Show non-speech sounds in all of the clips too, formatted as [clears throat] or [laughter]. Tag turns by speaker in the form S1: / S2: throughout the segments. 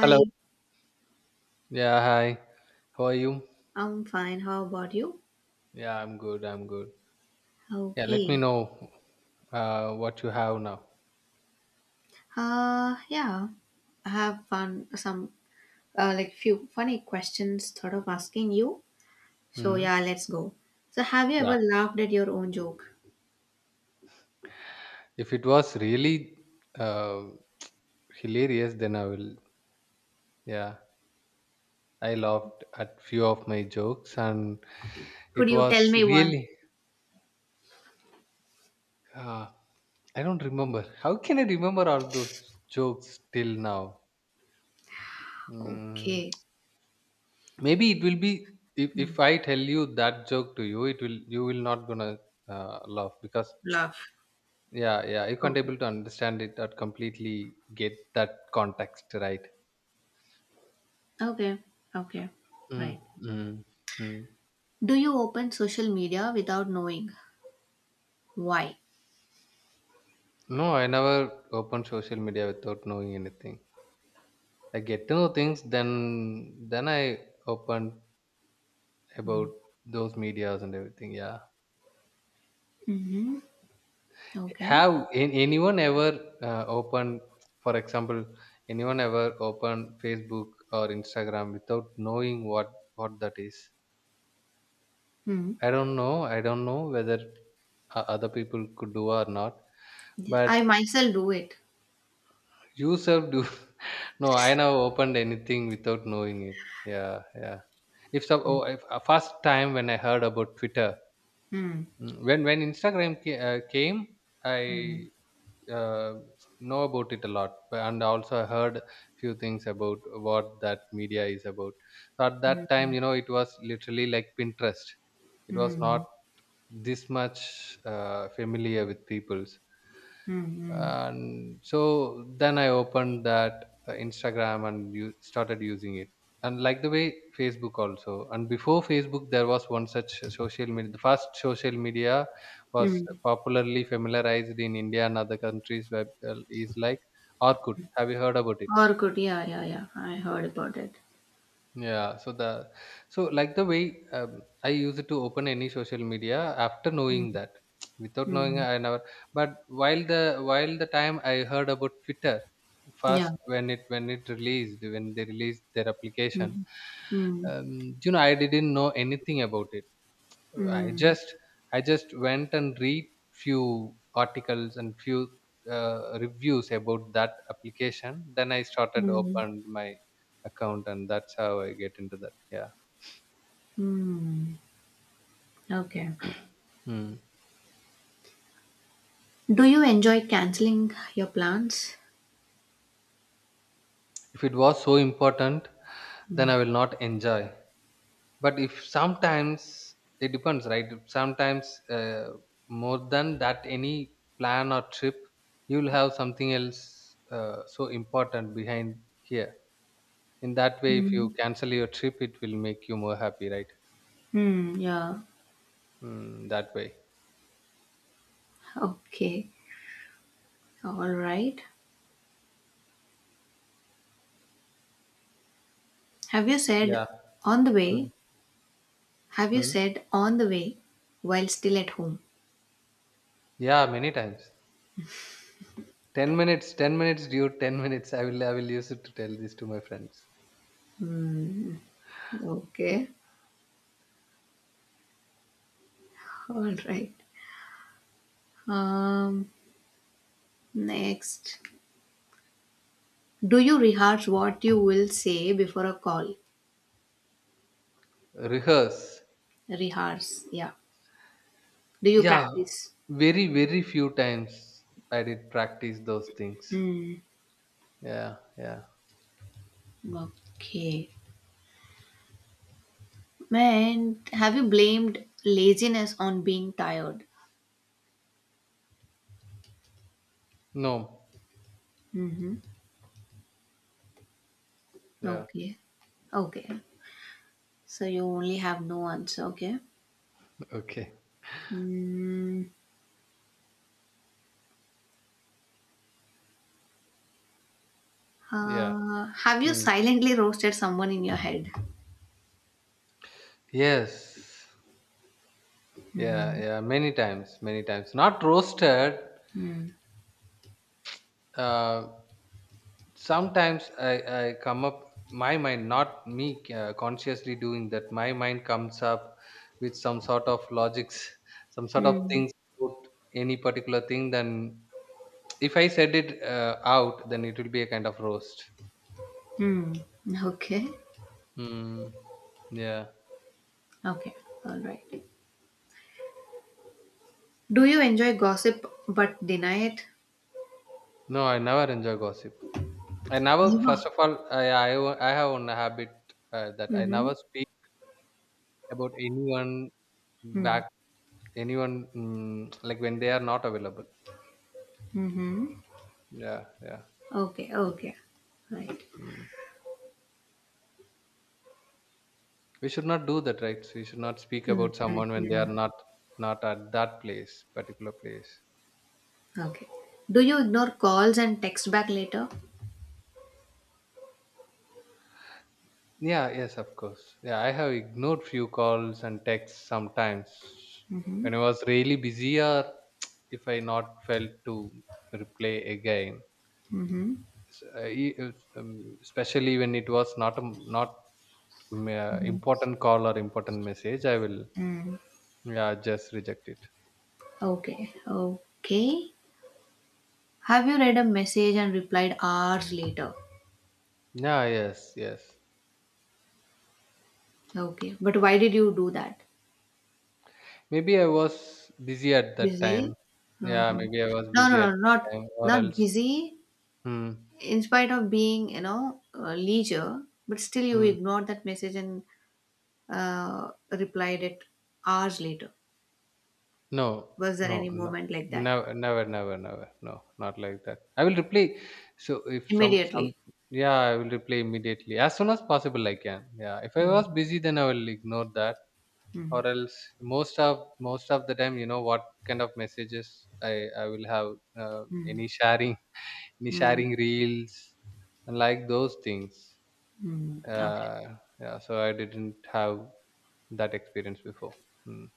S1: Hello. Yeah, hi. How are you?
S2: I'm fine. How about you?
S1: Yeah, I'm good. I'm good. Yeah, let me
S2: Okay.
S1: know what you have now.
S2: Yeah. I have fun, some like, few funny questions thought of asking you. So
S1: Hmm.
S2: yeah, let's go. So have you
S1: Yeah.
S2: ever laughed at your own joke?
S1: If it was really uh, hilarious, then I will. Yeah, I laughed at few of my jokes, and
S2: Could
S1: it
S2: you tell
S1: was
S2: me one?
S1: really. Uh, I don't remember. How can I remember all those jokes till now? Mm,
S2: Okay.
S1: maybe it will be if
S2: Hmm.
S1: I tell you that joke to you, it will you will not gonna laugh because
S2: Laugh.
S1: yeah, yeah. You can't
S2: Okay.
S1: able to understand it or completely get that context, right?
S2: Okay. Okay.
S1: Mm,
S2: Right.
S1: mm, mm.
S2: Do you open social media without knowing why?
S1: No, I never open social media without knowing anything. I get to know things, then I open
S2: Hmm.
S1: about those medias and everything. Yeah.
S2: Mm-hmm. Okay.
S1: Anyone ever opened, for example, anyone ever opened Facebook or Instagram without knowing what that is?
S2: Hmm.
S1: I don't know. I don't know whether other people could do or not.
S2: Yeah,
S1: But
S2: I myself do it.
S1: you self do. [laughs] No, I never opened anything without knowing it. Yeah, yeah. If some,
S2: Hmm.
S1: oh, if, first time when I heard about Twitter,
S2: Hmm.
S1: mm, when Instagram came, I uh, know about it a lot, and also I heard few things about what that media is about. So at that
S2: Hmm.
S1: time, you know, it was literally like Pinterest. It was not
S2: Mm,
S1: this much familiar with people's,
S2: mm, mm,
S1: and so then I opened that Instagram and you started using it, and like the way Facebook also. And before Facebook there was one such social media, the first social media was
S2: mm.
S1: popularly familiarized in India and other countries, where is like Orkut. Have you heard about it?
S2: Orkut, yeah, yeah, yeah. I heard about it.
S1: Yeah, so the so like the way I use it to open any social media after
S2: Mm,
S1: knowing that, [tsk] without knowing
S2: mm.
S1: I never. But while the time I heard about Twitter,
S2: Yeah.
S1: first when it released, when they released their application,
S2: Mm, mm,
S1: you know, I didn't know anything about it. I
S2: mm,
S1: just I just went and read few articles and few reviews about that application. Then I started
S2: mm,
S1: opened my account, and that's how I get into that. Yeah.
S2: mm. Okay.
S1: [clears throat] Hmm.
S2: Do you enjoy canceling your plans?
S1: If it was so important, then
S2: Mm.
S1: I will not enjoy. But if sometimes it depends, right? Sometimes more than that, any plan or trip, you will have something else so important behind here. In that way, if you
S2: Mm.
S1: cancel your trip, it will make you more happy, right?
S2: Mm, yeah.
S1: Mm, that way.
S2: Okay. All right. Have you said
S1: Yeah.
S2: on the
S1: Mm,
S2: way? Have you
S1: mm.
S2: said on the way while still at home?
S1: Yeah, many times. 10 minutes, 10 minutes, dude, 10 minutes. I will use it to tell this to my friends.
S2: Okay. All right. Um, next. Do you rehearse what you will say before a call?
S1: Rehearse.
S2: Rehearse, yeah. Do you
S1: Yeah,
S2: practice?
S1: very, very few times I did practice those things.
S2: Hmm.
S1: Yeah, yeah.
S2: Okay. Man, have you blamed laziness on being tired?
S1: No.
S2: Mm-hmm.
S1: Yeah.
S2: Okay. Okay. So you only have no answer, okay?
S1: Okay.
S2: Mm,
S1: Yeah.
S2: have you
S1: Mm.
S2: silently roasted someone in your head?
S1: Yes. Yeah,
S2: Hmm.
S1: yeah. Many times, many times. Not roasted.
S2: Hmm.
S1: Uh, Sometimes I come up, my mind, not me consciously doing that, my mind comes up with some sort of logics, [laughs] some sort of
S2: Hmm.
S1: things about any particular thing. Then if I said it out, then it will be a kind of roast.
S2: Hmm. Okay.
S1: Mm, yeah.
S2: Okay. All right. Do you enjoy gossip but deny it?
S1: No, I never enjoy gossip. I never,
S2: Yeah.
S1: first of all, I have one habit, that I
S2: Mhm.
S1: never speak about anyone
S2: Mm.
S1: back, anyone, mm, like when they are not available.
S2: Mhm.
S1: Yeah, yeah.
S2: Okay. Okay. Right.
S1: Mm. We should not do that, right? We should not speak
S2: Mm,
S1: about
S2: mm,
S1: someone when they are
S2: mm.
S1: not at that place, particular place.
S2: Okay. Do you ignore calls and text back later?
S1: Yeah, yes, of course. Yeah, I have ignored few calls and texts sometimes when I was really busy, or [tsk] if I not felt to reply again.
S2: Mm-hmm.
S1: S- uh, e- uh, um, Especially when it was not not important call or important message, I will
S2: Mm.
S1: yeah just reject it.
S2: Okay. Okay. Have you read a message and replied hours later?
S1: Yeah, yes. Yes.
S2: Okay. But why did you do that?
S1: Maybe I was busy at that
S2: Busy?
S1: time.
S2: Uh
S1: Yeah,
S2: huh.
S1: maybe I was
S2: No, no,
S1: busy at
S2: no.
S1: that
S2: Not
S1: time, or
S2: not
S1: else.
S2: busy.
S1: Hmm.
S2: In spite of being, you know, leisure, but still you
S1: Hmm.
S2: ignored that message and replied it hours later.
S1: No,
S2: Was there
S1: no,
S2: any
S1: no,
S2: moment like that?
S1: never, never, never, never. No, not like that. I will reply. So if some, some,
S2: Immediately.
S1: yeah, I will reply immediately as soon as possible. I can. Yeah. If I
S2: Mm,
S1: was busy, then I will ignore that,
S2: mm,
S1: or else most of the time, you know what kind of messages I will have,
S2: mm,
S1: any sharing, [laughs] any
S2: mm,
S1: sharing reels, and like those things.
S2: mm. Okay.
S1: uh, yeah, so I didn't have that experience before. Mm.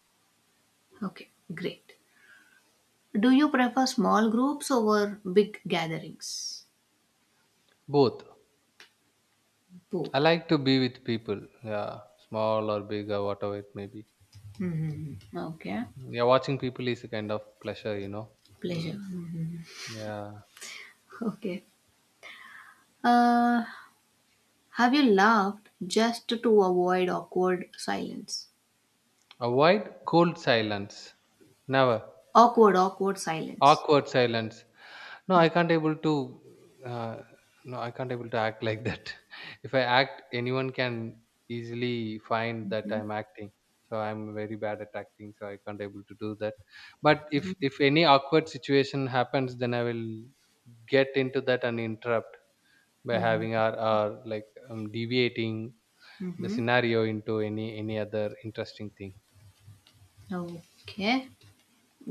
S2: Okay. Great. Do you prefer small groups over big gatherings?
S1: Both. I
S2: Both.
S1: like to be with people, yeah, small or big or whatever it may be.
S2: Hmm. Okay.
S1: Mm. Yeah, watching people is a kind of pleasure, you know.
S2: Pleasure.
S1: Mm. Yeah.
S2: Okay. Uh, have you laughed just to avoid awkward silence?
S1: Avoid cold silence, never.
S2: Awkward, awkward silence.
S1: Awkward silence. No, I can't able to. Uh, no, I can't able to act like that. [laughs] If I act, anyone can easily find that I'm acting. So I'm very bad at acting. So I can't able to do that. But if any awkward situation happens, then I will get into that and interrupt by having
S2: Mm-hmm.
S1: our like deviating the
S2: Mm-hmm.
S1: scenario into any other interesting thing.
S2: Okay.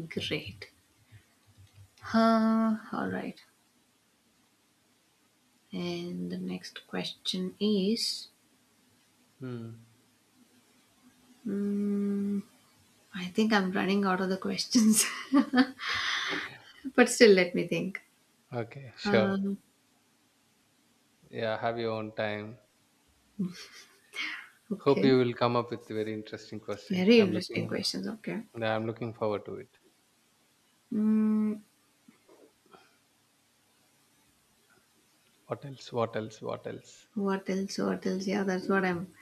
S2: Great. Huh, all right. And the next question is
S1: Hmm.
S2: mm, I think I'm running out of the questions, [laughs] but still, let me think.
S1: Okay, sure.
S2: Um,
S1: Yeah, have your own time. Hope
S2: okay.
S1: you will come up with very interesting question.
S2: Very interesting questions. Okay.
S1: I'm looking forward to it.
S2: Mm,
S1: What else? What else? What else?
S2: what else? What else? Yeah, that's what I'm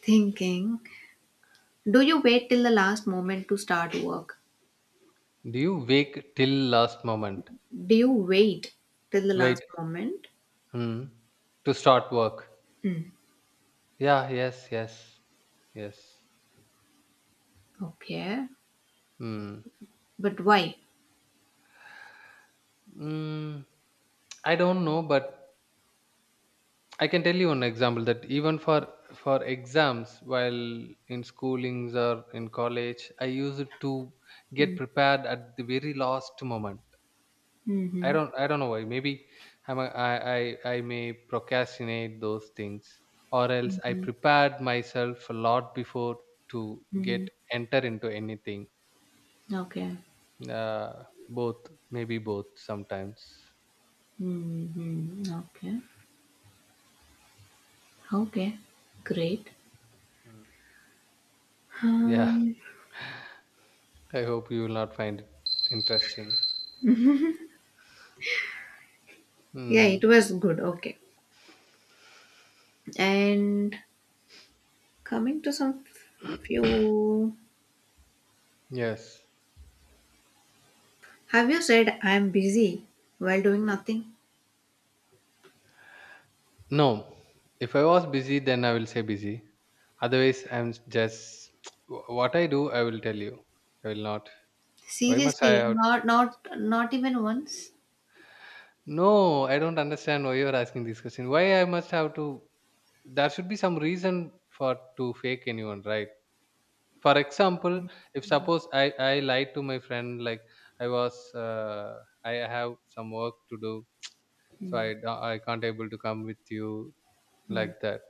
S2: thinking. Do you wait till the last moment to start work?
S1: Do you wake till last moment?
S2: Do you wait till the
S1: Wait.
S2: last moment?
S1: Hmm. To start work.
S2: Mm,
S1: Yeah, yes, yes. Yes.
S2: okay.
S1: Hmm.
S2: But why?
S1: Mm, I don't know, but I can tell you an example that even for exams while in schoolings or in college, I used to get
S2: Mm,
S1: prepared at the very last moment.
S2: hmm hmm
S1: I don't know why. Maybe I'm a, I may procrastinate those things, or else I prepared myself a lot before to
S2: hmm.
S1: get enter into anything.
S2: Okay.
S1: Both maybe both sometimes.
S2: Mm-hmm. Okay. Okay. Great.
S1: Mm. Yeah,
S2: Um,
S1: [laughs] I hope you will not find it interesting.
S2: yeah, it
S1: Mm,
S2: was good. Okay. And coming to some few,
S1: yes.
S2: have you said I'm busy while doing nothing?
S1: No. If I was busy, then I will say busy. Otherwise, I'm just [tsk] what I do. I will tell you. I will not. Why must
S2: Seriously,
S1: I?
S2: not even once.
S1: No, I don't understand why you are asking this question. Why I must have to? There should be some reason for to fake anyone, right? For example, if suppose I lied to my friend like I was I have some work to do, so I can't able to come with you, like that.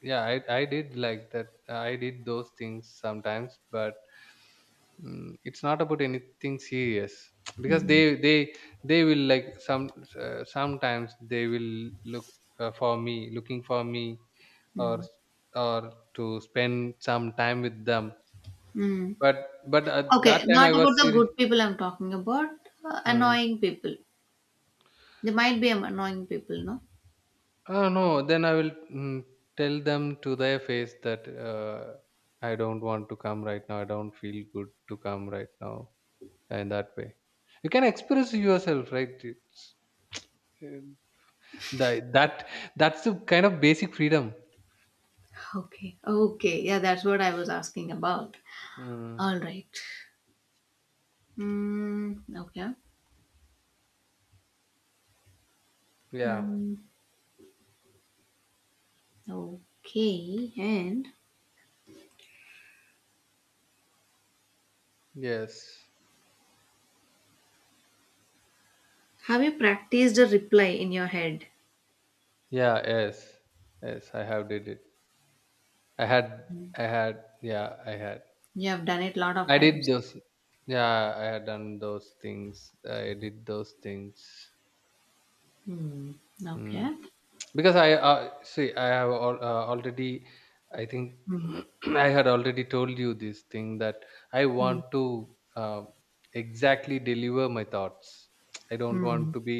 S1: Yeah, I did like that, I did those things sometimes, but mm, it's not about anything serious [tsk] because
S2: Mm-hmm.
S1: they they will like some sometimes they will look for me looking for me or
S2: Mm.
S1: or to spend some time with them,
S2: Mm.
S1: but at
S2: Okay,
S1: that time
S2: not
S1: I was
S2: about the
S1: serious.
S2: good people I'm talking about.
S1: Hmm.
S2: Annoying people. There might be annoying people, no?
S1: Ah, no, then I will mm, tell them to their face that I don't want to come right now. I don't feel good to come right now. And that way, you can express yourself, right? [tsk] That, that that's the kind of basic freedom.
S2: Okay. Okay. Yeah, that's what I was asking about.
S1: Mm,
S2: All right. Mm, okay.
S1: yeah.
S2: Mm, okay. And
S1: Yes.
S2: have you practiced a reply in your head?
S1: Yeah. Yes. Yes. I have did it. I had. I had. Yeah. I had.
S2: You have done it a lot of
S1: I did
S2: times.
S1: those. Yeah. I had done those things. I did those things.
S2: Mm, okay.
S1: Mm. Because I see, already, I think,
S2: Mm,
S1: [clears throat] I had already told you this thing that I want
S2: mm,
S1: to uh, exactly deliver my thoughts. I don't want
S2: mm,
S1: to be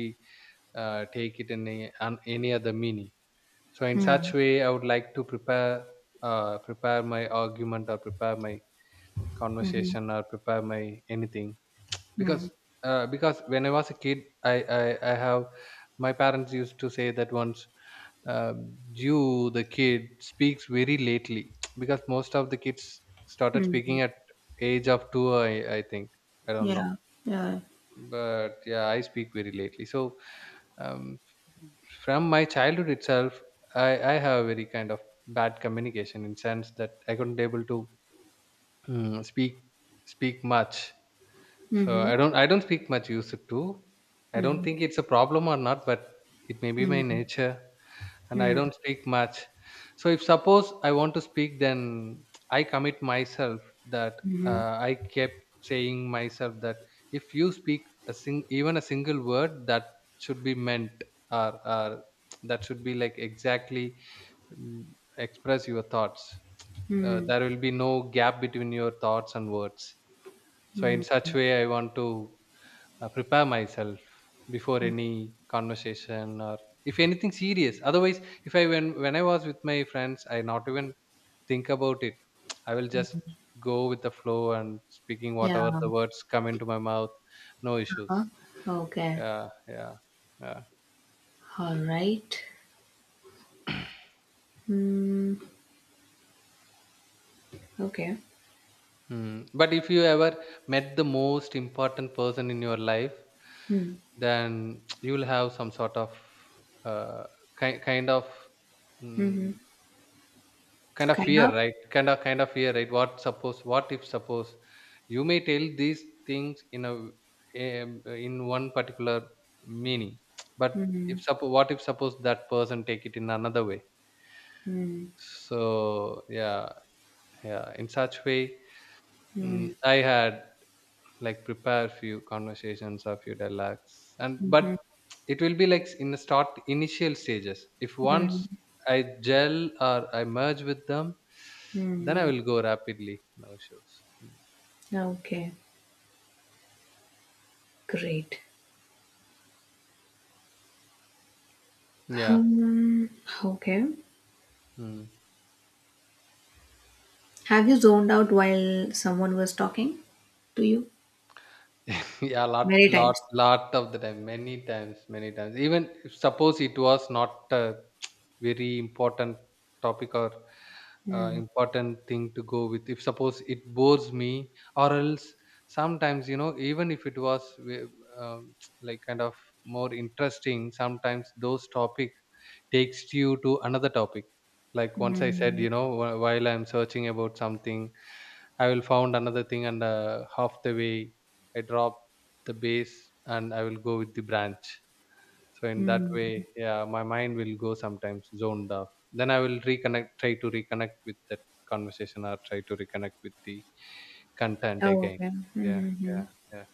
S1: take it in any other meaning. So in such
S2: mm,
S1: way I would like to prepare, prepare my argument, or prepare my
S2: mm,
S1: conversation, or prepare my anything.
S2: mm,
S1: Because because when I was a kid, I I have my parents used to say that once you, the kid, speaks very lately [tsk] because most of the kids started
S2: mm.
S1: speaking at age of two, I think. I don't know.
S2: Yeah. Yeah.
S1: But yeah, I speak very lately. So um, from my childhood itself I have a very kind of bad communication, in sense that I couldn't able to mm, speak much. So
S2: Mm-hmm.
S1: I don't speak much used to. I don't
S2: Mm,
S1: think it's a problem or not, but it may be my
S2: mm,
S1: nature, and I
S2: mm,
S1: don't speak much. So if suppose I want to speak, then I commit myself that
S2: mm,
S1: I kept saying myself that if you speak a sing even a single word, that should be meant, or that should be like exactly mm, express your thoughts.
S2: mm,
S1: There will be no gap between your thoughts and words. So in
S2: mm.
S1: such way, I want to prepare myself before any conversation or if anything serious. Otherwise, if I, when I was with my friends, I not even think about it. [tsk] I will just go with the flow and speaking
S2: Yeah.
S1: whatever the words come into my mouth, no issues.
S2: Uh-huh. Okay.
S1: Yeah, yeah, yeah.
S2: All right. Mm, okay.
S1: Hmm. But if you ever met the most important person in your life,
S2: Mm,
S1: then [tsk] you will have some sort of uh, kind of
S2: mm-hmm.
S1: mm, kind of
S2: Kind
S1: fear,
S2: of.
S1: right? Kind of fear, right? What suppose? What if suppose? You may tell these things in a in one particular meaning, but if
S2: Mm,
S1: suppose, what if suppose that person take it in another way?
S2: mm,
S1: So yeah, yeah. In such way, mm,
S2: mm.
S1: I had like prepare few conversations or few dialogues and
S2: Mhm,
S1: but it will be like in the start initial stages if
S2: mhm,
S1: once I gel or I merge with them then I
S2: mhm.
S1: will go rapidly, no issues. Mm.
S2: Okay, great.
S1: Yeah.
S2: Um, okay.
S1: Mm.
S2: Have you zoned out while someone was talking to you?
S1: [laughs] Yeah, lot,
S2: Many
S1: lot
S2: times.
S1: lot of the time, many times, many times, even if suppose it was not a [tsk] very important topic or
S2: Mm,
S1: important thing to go with if suppose it bores me or else sometimes, you know, even if it was wi- um, [tsk] like kind of more interesting, sometimes those topic takes you to another topic. Like once I said,
S2: mm,
S1: you know, while I'm searching about something, I will found another thing and half the way I drop the base and I will go with the branch. So in that
S2: mm.
S1: way, yeah, my mind will go sometimes zoned off. Then I will reconnect, try to reconnect with that conversation or try to reconnect with the content
S2: Oh,
S1: again.
S2: okay.
S1: Yeah,
S2: Mm-hmm.
S1: yeah, yeah.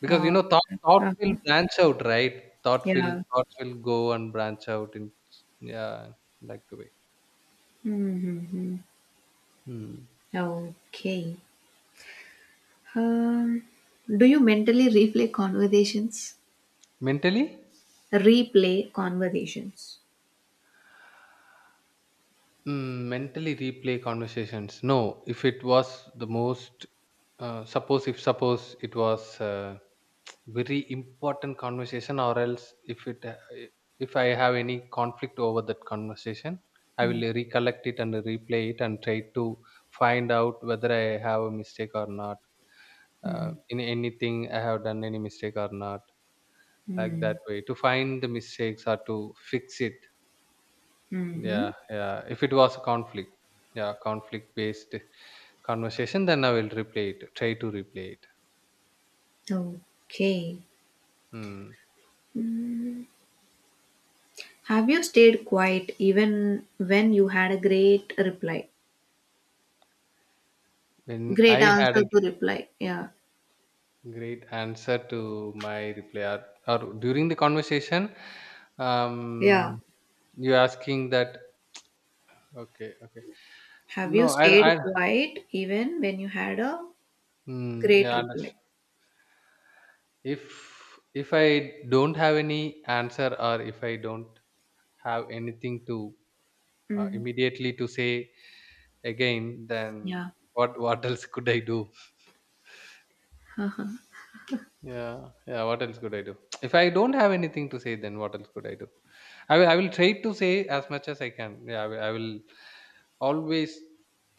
S1: Because you
S2: Oh,
S1: know, thought
S2: uh
S1: will branch out, right? Thought will
S2: yeah.
S1: thought will go and branch out in yeah, like the way.
S2: Mm-hmm.
S1: Hmm.
S2: Okay. Um, do you mentally replay conversations?
S1: Mentally?
S2: Replay conversations.
S1: Mm, mentally replay conversations. No, if it was the most, suppose if suppose it was a very important conversation, or else if it if I have any conflict over that conversation, I will recollect it and replay it and try to find out whether I have a mistake or not.
S2: Mm-hmm.
S1: In anything I have done any mistake or not, like that way to find the mistakes or to fix it.
S2: Mm-hmm.
S1: Yeah, yeah. If it was a conflict, yeah, conflict based conversation, then I will replay it, try to replay it.
S2: Okay.
S1: Hmm.
S2: Have you stayed quiet even when you had a great reply?
S1: When
S2: Great
S1: I had
S2: answer
S1: a
S2: to reply. Yeah.
S1: great answer to my replay, or during the conversation,
S2: Yeah.
S1: um, you asking that, okay, okay.
S2: Have you
S1: No,
S2: stayed quiet even when you had a
S1: mm,
S2: great
S1: yeah,
S2: reply?
S1: understand. If I don't have any answer or if I don't have anything to
S2: Mm.
S1: immediately to say again,
S2: Yeah.
S1: then what, [laughs] what else could I do?
S2: Huh.
S1: Yeah, yeah. What else could I do? [tsk] If I don't have anything to say, then what else could I do? I will try to say as much as I can. Yeah, I will always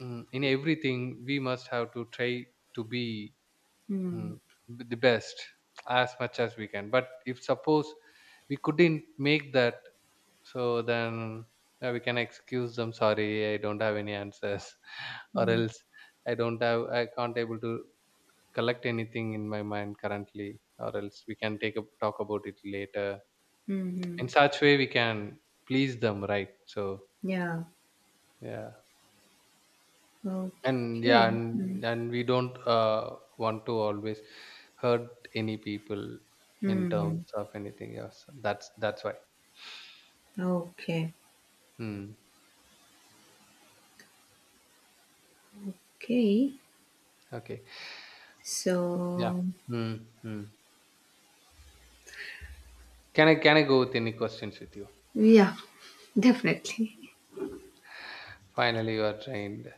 S1: mm, in everything we must have to try to be
S2: Mm.
S1: mm, the best as much as we can. But if suppose we couldn't make that, so then yeah, we can excuse them. Sorry, I don't have any answers, [laughs] or
S2: Mm.
S1: else I don't have, I can't able to collect anything in my mind currently, or else we can take a talk about it later.
S2: Mm-hmm.
S1: In such way, we can please them, right? So
S2: Yeah.
S1: yeah, and
S2: Okay.
S1: yeah,
S2: Mm.
S1: and we don't want to always hurt any people in terms
S2: Mm.
S1: of anything else. That's why.
S2: Okay.
S1: Hmm.
S2: Okay.
S1: Okay. Yeah.
S2: So,
S1: Hmm. Hmm. Can I go with any questions with you?
S2: yeah, definitely.
S1: Finally, you are trained.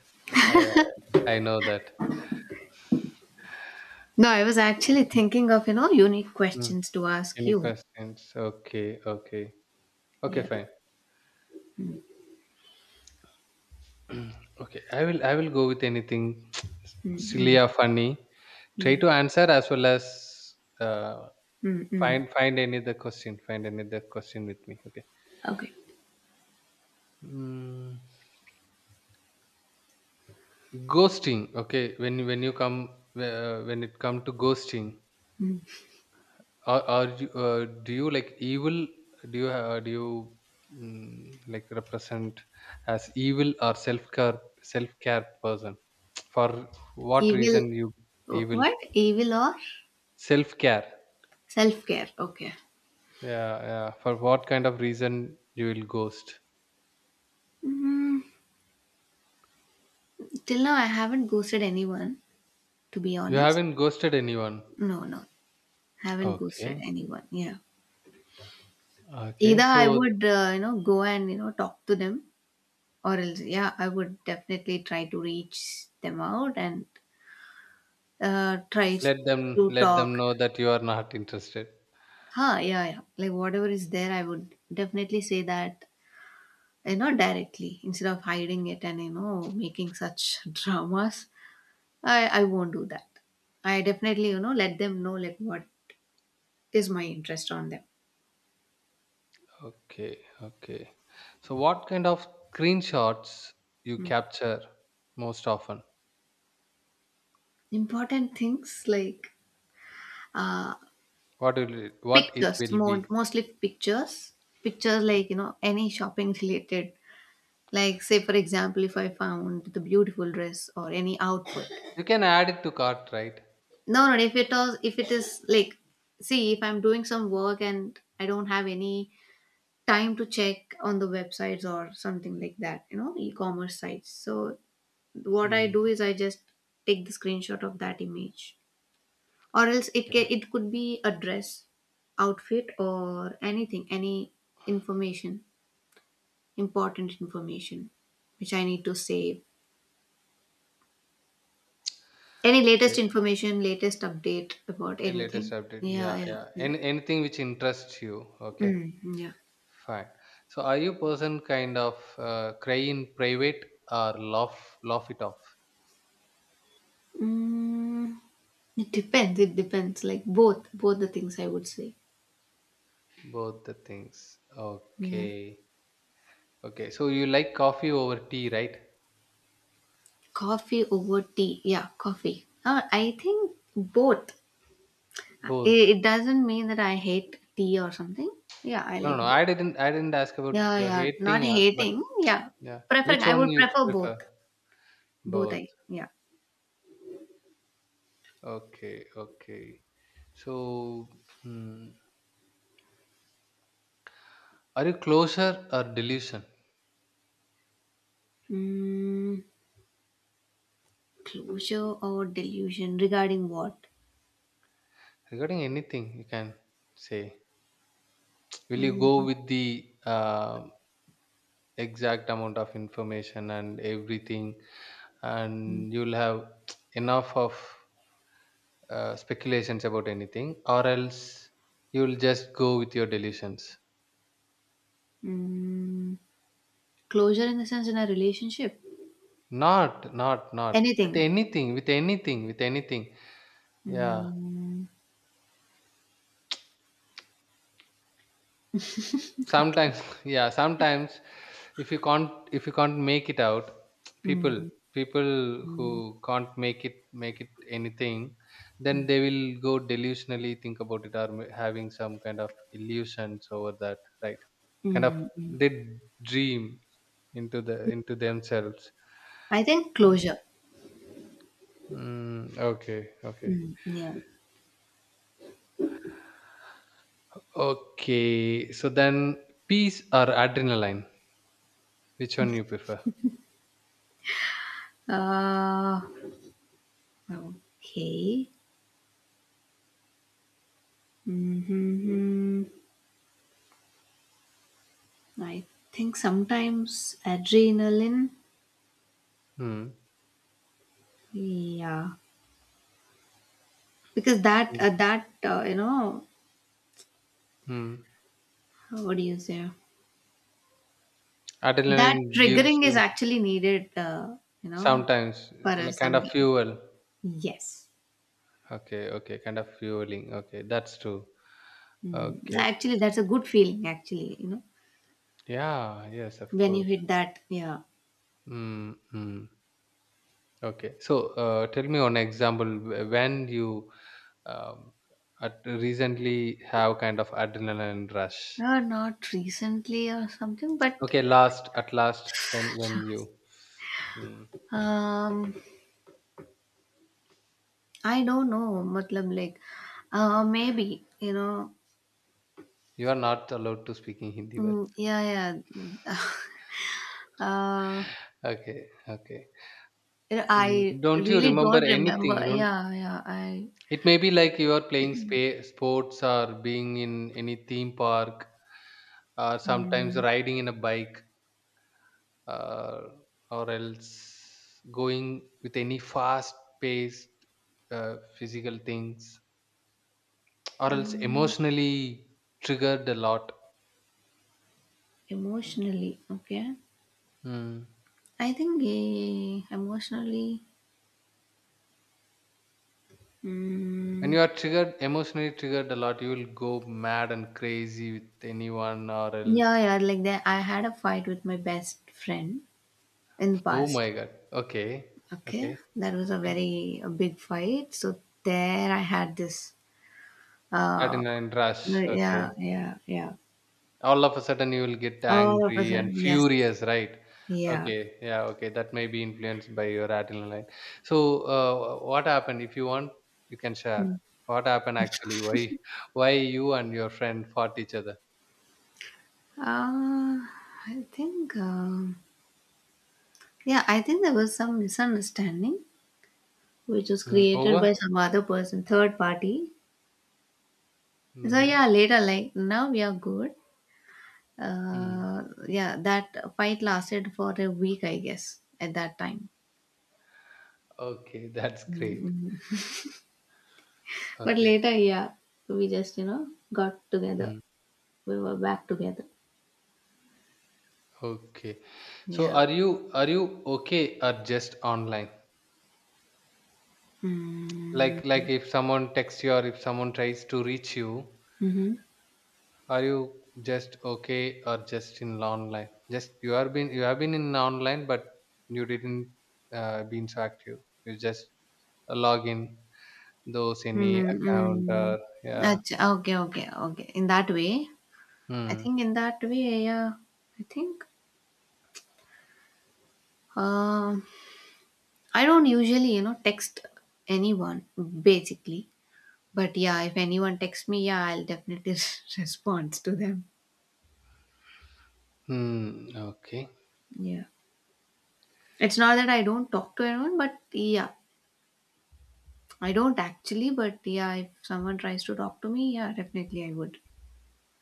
S1: I I know that.
S2: No, I was actually
S1: Okay.
S2: thinking of, you know, unique
S1: Hmm.
S2: questions to ask
S1: Any
S2: you.
S1: questions? Okay. Okay. Okay,
S2: Yeah.
S1: fine. [clears throat] Okay, I will go with anything [tsk]
S2: Mm-hmm.
S1: silly or funny. Try
S2: Yeah.
S1: to answer as well as uh,
S2: Mm-mm.
S1: find find any other question. Find any other question with me. Okay.
S2: Okay.
S1: Mm, ghosting. Okay, when you come when it come to ghosting,
S2: Mm.
S1: are you, do you like evil? Do you mm, like represent as evil or self care person? For what
S2: Evil.
S1: reason you evil?
S2: What? Evil or
S1: Self care.
S2: self care? Okay.
S1: Yeah, yeah. For what kind of reason you will ghost?
S2: Mm, till now, I haven't ghosted anyone, to be
S1: You
S2: honest.
S1: haven't ghosted anyone.
S2: No, no. Haven't ghosted
S1: Okay.
S2: anyone. Yeah. Either
S1: Okay.
S2: I
S1: So
S2: would, you know, go and, you know, talk to them, or else, yeah, I would definitely try to reach them out and try to
S1: let
S2: talk.
S1: them know that you are not interested.
S2: Huh, yeah, yeah. Like whatever is there, I would definitely say that, you know, directly, instead of hiding it and, you know, making such [laughs] dramas. I won't do that. I definitely, you know, let them know like what is my interest on them.
S1: Okay. Okay. So what kind of screenshots you capture most often?
S2: Important things like uh
S1: What will it, what it
S2: pictures,
S1: will
S2: more
S1: be?
S2: mostly pictures. Pictures like, you know, any shopping related, like, say for example if I found the beautiful dress or any outfit.
S1: You can add it to cart, right?
S2: No, no, if it is like. See, if I'm doing some work and I don't have any time to check on the websites or something like that, you know, e-commerce sites, so what I
S1: Mm,
S2: do is I just take the screenshot of that image, or else
S1: okay.
S2: it could be a dress, outfit or anything, any information, important information which I need to save, any latest
S1: Okay.
S2: information, latest update about
S1: Latest
S2: anything.
S1: update.
S2: Yeah,
S1: Yeah,
S2: yeah,
S1: yeah.
S2: yeah.
S1: Any, anything which interests you. Okay.
S2: Mm, yeah.
S1: Fine. So, are you person kind of cry in private or laugh it off?
S2: Mm, it depends, like, both the things I would say.
S1: Both the things.
S2: Yeah.
S1: Okay. Okay. So you like coffee over tea, right?
S2: Coffee over tea. Yeah, coffee. I think both.
S1: Both.
S2: It doesn't mean that I hate tea or something. Yeah, I
S1: No, no,
S2: like
S1: no.
S2: both.
S1: I didn't. I didn't ask about
S2: Yeah,
S1: your
S2: yeah. Not
S1: hating, or, but
S2: hating. Yeah.
S1: yeah,
S2: Preferring.
S1: which
S2: I
S1: one
S2: would
S1: you
S2: prefer both.
S1: prefer?
S2: Both, I.
S1: Both.
S2: Yeah.
S1: Okay. Okay. So, hmm, are you closer or delusion
S2: Mm, closure or delusion regarding what?
S1: regarding anything? You can say. Will you go
S2: Mm,
S1: with the exact amount of information and everything
S2: mm,
S1: and you'll have [tsk] enough of speculations about anything or else you'll just go with your delusions,
S2: mm. Closure in the sense in a relationship.
S1: not not not with
S2: Anything.
S1: anything, with anything, with anything. Yeah,
S2: Mm,
S1: sometimes [laughs] yeah, sometimes if you can't, if you can't make it out, people,
S2: mm,
S1: people who
S2: mm,
S1: can't make it anything, then they will go delusionally think about it or having some kind of illusions over that, right? Kind of
S2: mm, mm.
S1: they dream into themselves.
S2: I think
S1: Mm,
S2: closure.
S1: mm, okay, okay.
S2: Mm, yeah.
S1: Okay, so then peace or adrenaline, which one you prefer?
S2: Uh, okay. Mm-hmm. I think sometimes adrenaline.
S1: Hmm.
S2: Yeah, because that
S1: Hmm.
S2: that you know,
S1: Hmm.
S2: what do you say? That
S1: Adrenaline gives
S2: triggering is
S1: you
S2: actually needed. You know,
S1: sometimes,
S2: for
S1: like,
S2: us
S1: kind of
S2: sometimes.
S1: fuel.
S2: Yes.
S1: Okay, okay, kind of fueling. Okay, that's true.
S2: Mm.
S1: Okay.
S2: Actually, that's a good feeling. Actually, you know,
S1: Yeah, yes, of
S2: when you
S1: course.
S2: hit that. Yeah.
S1: Mm-hmm. Okay. So, tell me one example when you um, at recently have kind of adrenaline rush.
S2: Not recently or something, but
S1: Okay, last at last when you mm,
S2: um, I don't know, matlab like, maybe you know,
S1: you are not allowed to speak in Hindi, but
S2: mm, yeah, yeah. [laughs] uh,
S1: okay, okay. Mm,
S2: I
S1: don't you
S2: really
S1: remember
S2: don't remember.
S1: anything? Don't.
S2: Yeah, yeah.
S1: It may be like you are playing sports or being in any theme park, sometimes
S2: Mm,
S1: riding in a bike, uh, or else going with any fast paced physical things, or else
S2: mm,
S1: emotionally triggered a lot.
S2: Emotionally, okay.
S1: Mm.
S2: I think emotionally,
S1: When
S2: mm,
S1: you are triggered, emotionally triggered a lot, you will go mad and crazy with anyone, or else.
S2: yeah, yeah. Like that, I had a fight with my best friend in the
S1: Oh
S2: past.
S1: my god. Okay.
S2: Okay,
S1: Okay.
S2: that was
S1: Okay.
S2: a big fight. So there, I had this. Uh,
S1: Adrenaline rush.
S2: Right,
S1: Okay.
S2: yeah, yeah, yeah.
S1: All of a sudden you will get
S2: All of a
S1: angry and
S2: sudden, yes,
S1: furious, right?
S2: yeah.
S1: Okay, yeah, okay, that may be influenced by your adrenaline. So what happened, if you want you can share,
S2: Mm.
S1: what happened actually, why you and your friend fought each other?
S2: Uh, I think, yeah, I think there was some misunderstanding which was
S1: Mm,
S2: created
S1: over
S2: by some other person, third party. So
S1: mm-hmm.
S2: yeah, later, like now we are good.
S1: Mm.
S2: Yeah, that fight lasted for a week, I guess, at that time.
S1: Okay [laughs] that's great.
S2: Mm-hmm. But
S1: Okay.
S2: later, yeah, we just, you know, got together.
S1: Mm,
S2: We were back together.
S1: okay, so
S2: Yeah.
S1: are you okay or just online? like
S2: Mm-hmm.
S1: like if someone texts you or if someone tries to reach you, are you just okay or just in online? Just you are been you have been in online, but you didn't been so active. You just log in those any
S2: Mm,
S1: account,
S2: mm.
S1: or yeah.
S2: Okay, okay, okay. In that way, I
S1: Hmm.
S2: think in that way, yeah, I think um, I don't usually, you know, text anyone basically. But yeah, if anyone texts me, yeah, I'll definitely [laughs] respond to them.
S1: Hmm. Okay.
S2: Yeah, it's not that I don't talk to anyone, but yeah, I don't actually. But yeah, if someone tries to talk to me, yeah, definitely I would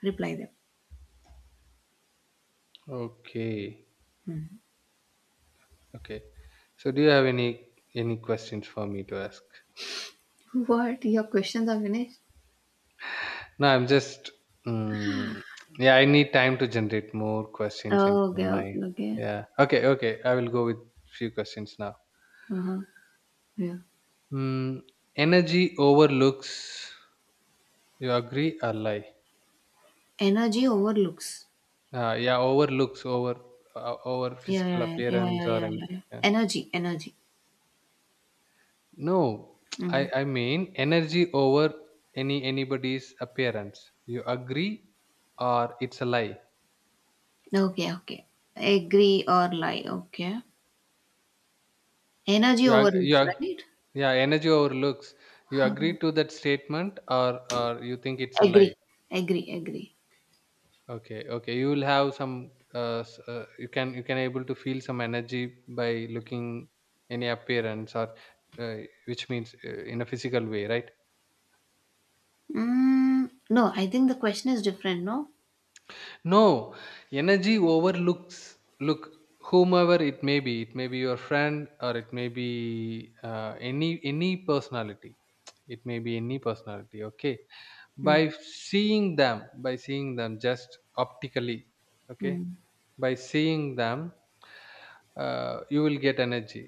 S2: reply them.
S1: Okay.
S2: Hmm.
S1: Okay. So do you have any questions for me to ask?
S2: [laughs] What? Your questions are finished?
S1: No, I'm just. Mm, yeah, I need time to generate more questions into
S2: Oh, okay,
S1: my.
S2: okay, okay.
S1: Yeah. Okay. Okay. I will go with few questions now.
S2: Uh huh. Yeah.
S1: Mm, energy overlooks. You agree or lie?
S2: Energy overlooks.
S1: Yeah, overlooks over over
S2: Yeah,
S1: physical
S2: yeah, yeah, yeah,
S1: appearance
S2: yeah,
S1: or
S2: yeah, yeah,
S1: anything.
S2: yeah.
S1: Yeah.
S2: Energy, energy.
S1: No, [tsk]
S2: Mm.
S1: I mean energy over any anybody's appearance. You agree or it's a lie?
S2: Okay, okay. Agree or lie. Okay. Energy
S1: You ag- you
S2: overlooks,
S1: ag-
S2: right?
S1: yeah, energy over looks. You agree
S2: Um,
S1: to that statement or you think it's a lie?
S2: agree, agree, agree.
S1: Okay, okay, you will have some you can, you can able to feel some energy by looking any appearance or uh, which means in a physical way, right?
S2: Mm, no, I think the question is different, no?
S1: No, energy overlooks. Look, whomever it may be, it may be your friend or it may be any personality, it may be any personality, okay,
S2: Mm,
S1: by seeing them, by seeing them just optically, okay,
S2: mm.
S1: by seeing them you will get energy.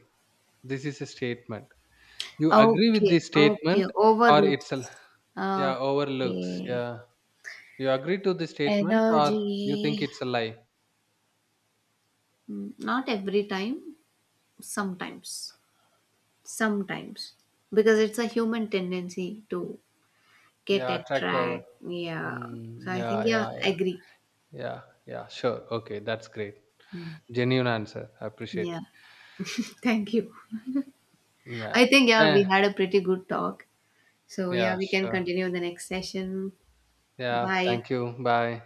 S1: This is a statement. You agree with
S2: Okay,
S1: this
S2: okay.
S1: statement or it's a
S2: Overlooks.
S1: yeah, overlooks.
S2: Okay.
S1: Yeah. You agree to the statement or you think
S2: Energy.
S1: it's a lie?
S2: Mm, not every time, sometimes. Sometimes. Because it's a human tendency to get
S1: Yeah, attract over.
S2: attract, yeah, so
S1: Mm,
S2: I think,
S1: yeah,
S2: yeah,
S1: yeah,
S2: I
S1: yeah.
S2: agree.
S1: Yeah, yeah, sure. Okay, that's great.
S2: Mm,
S1: Genuine answer. I appreciate it.
S2: yeah. [laughs] Thank you.
S1: Yeah.
S2: I think, yeah, we
S1: Yeah,
S2: had a pretty good talk, so yeah,
S1: yeah,
S2: we can
S1: sure.
S2: continue in the next session.
S1: Yeah,
S2: Bye.
S1: thank you. Bye.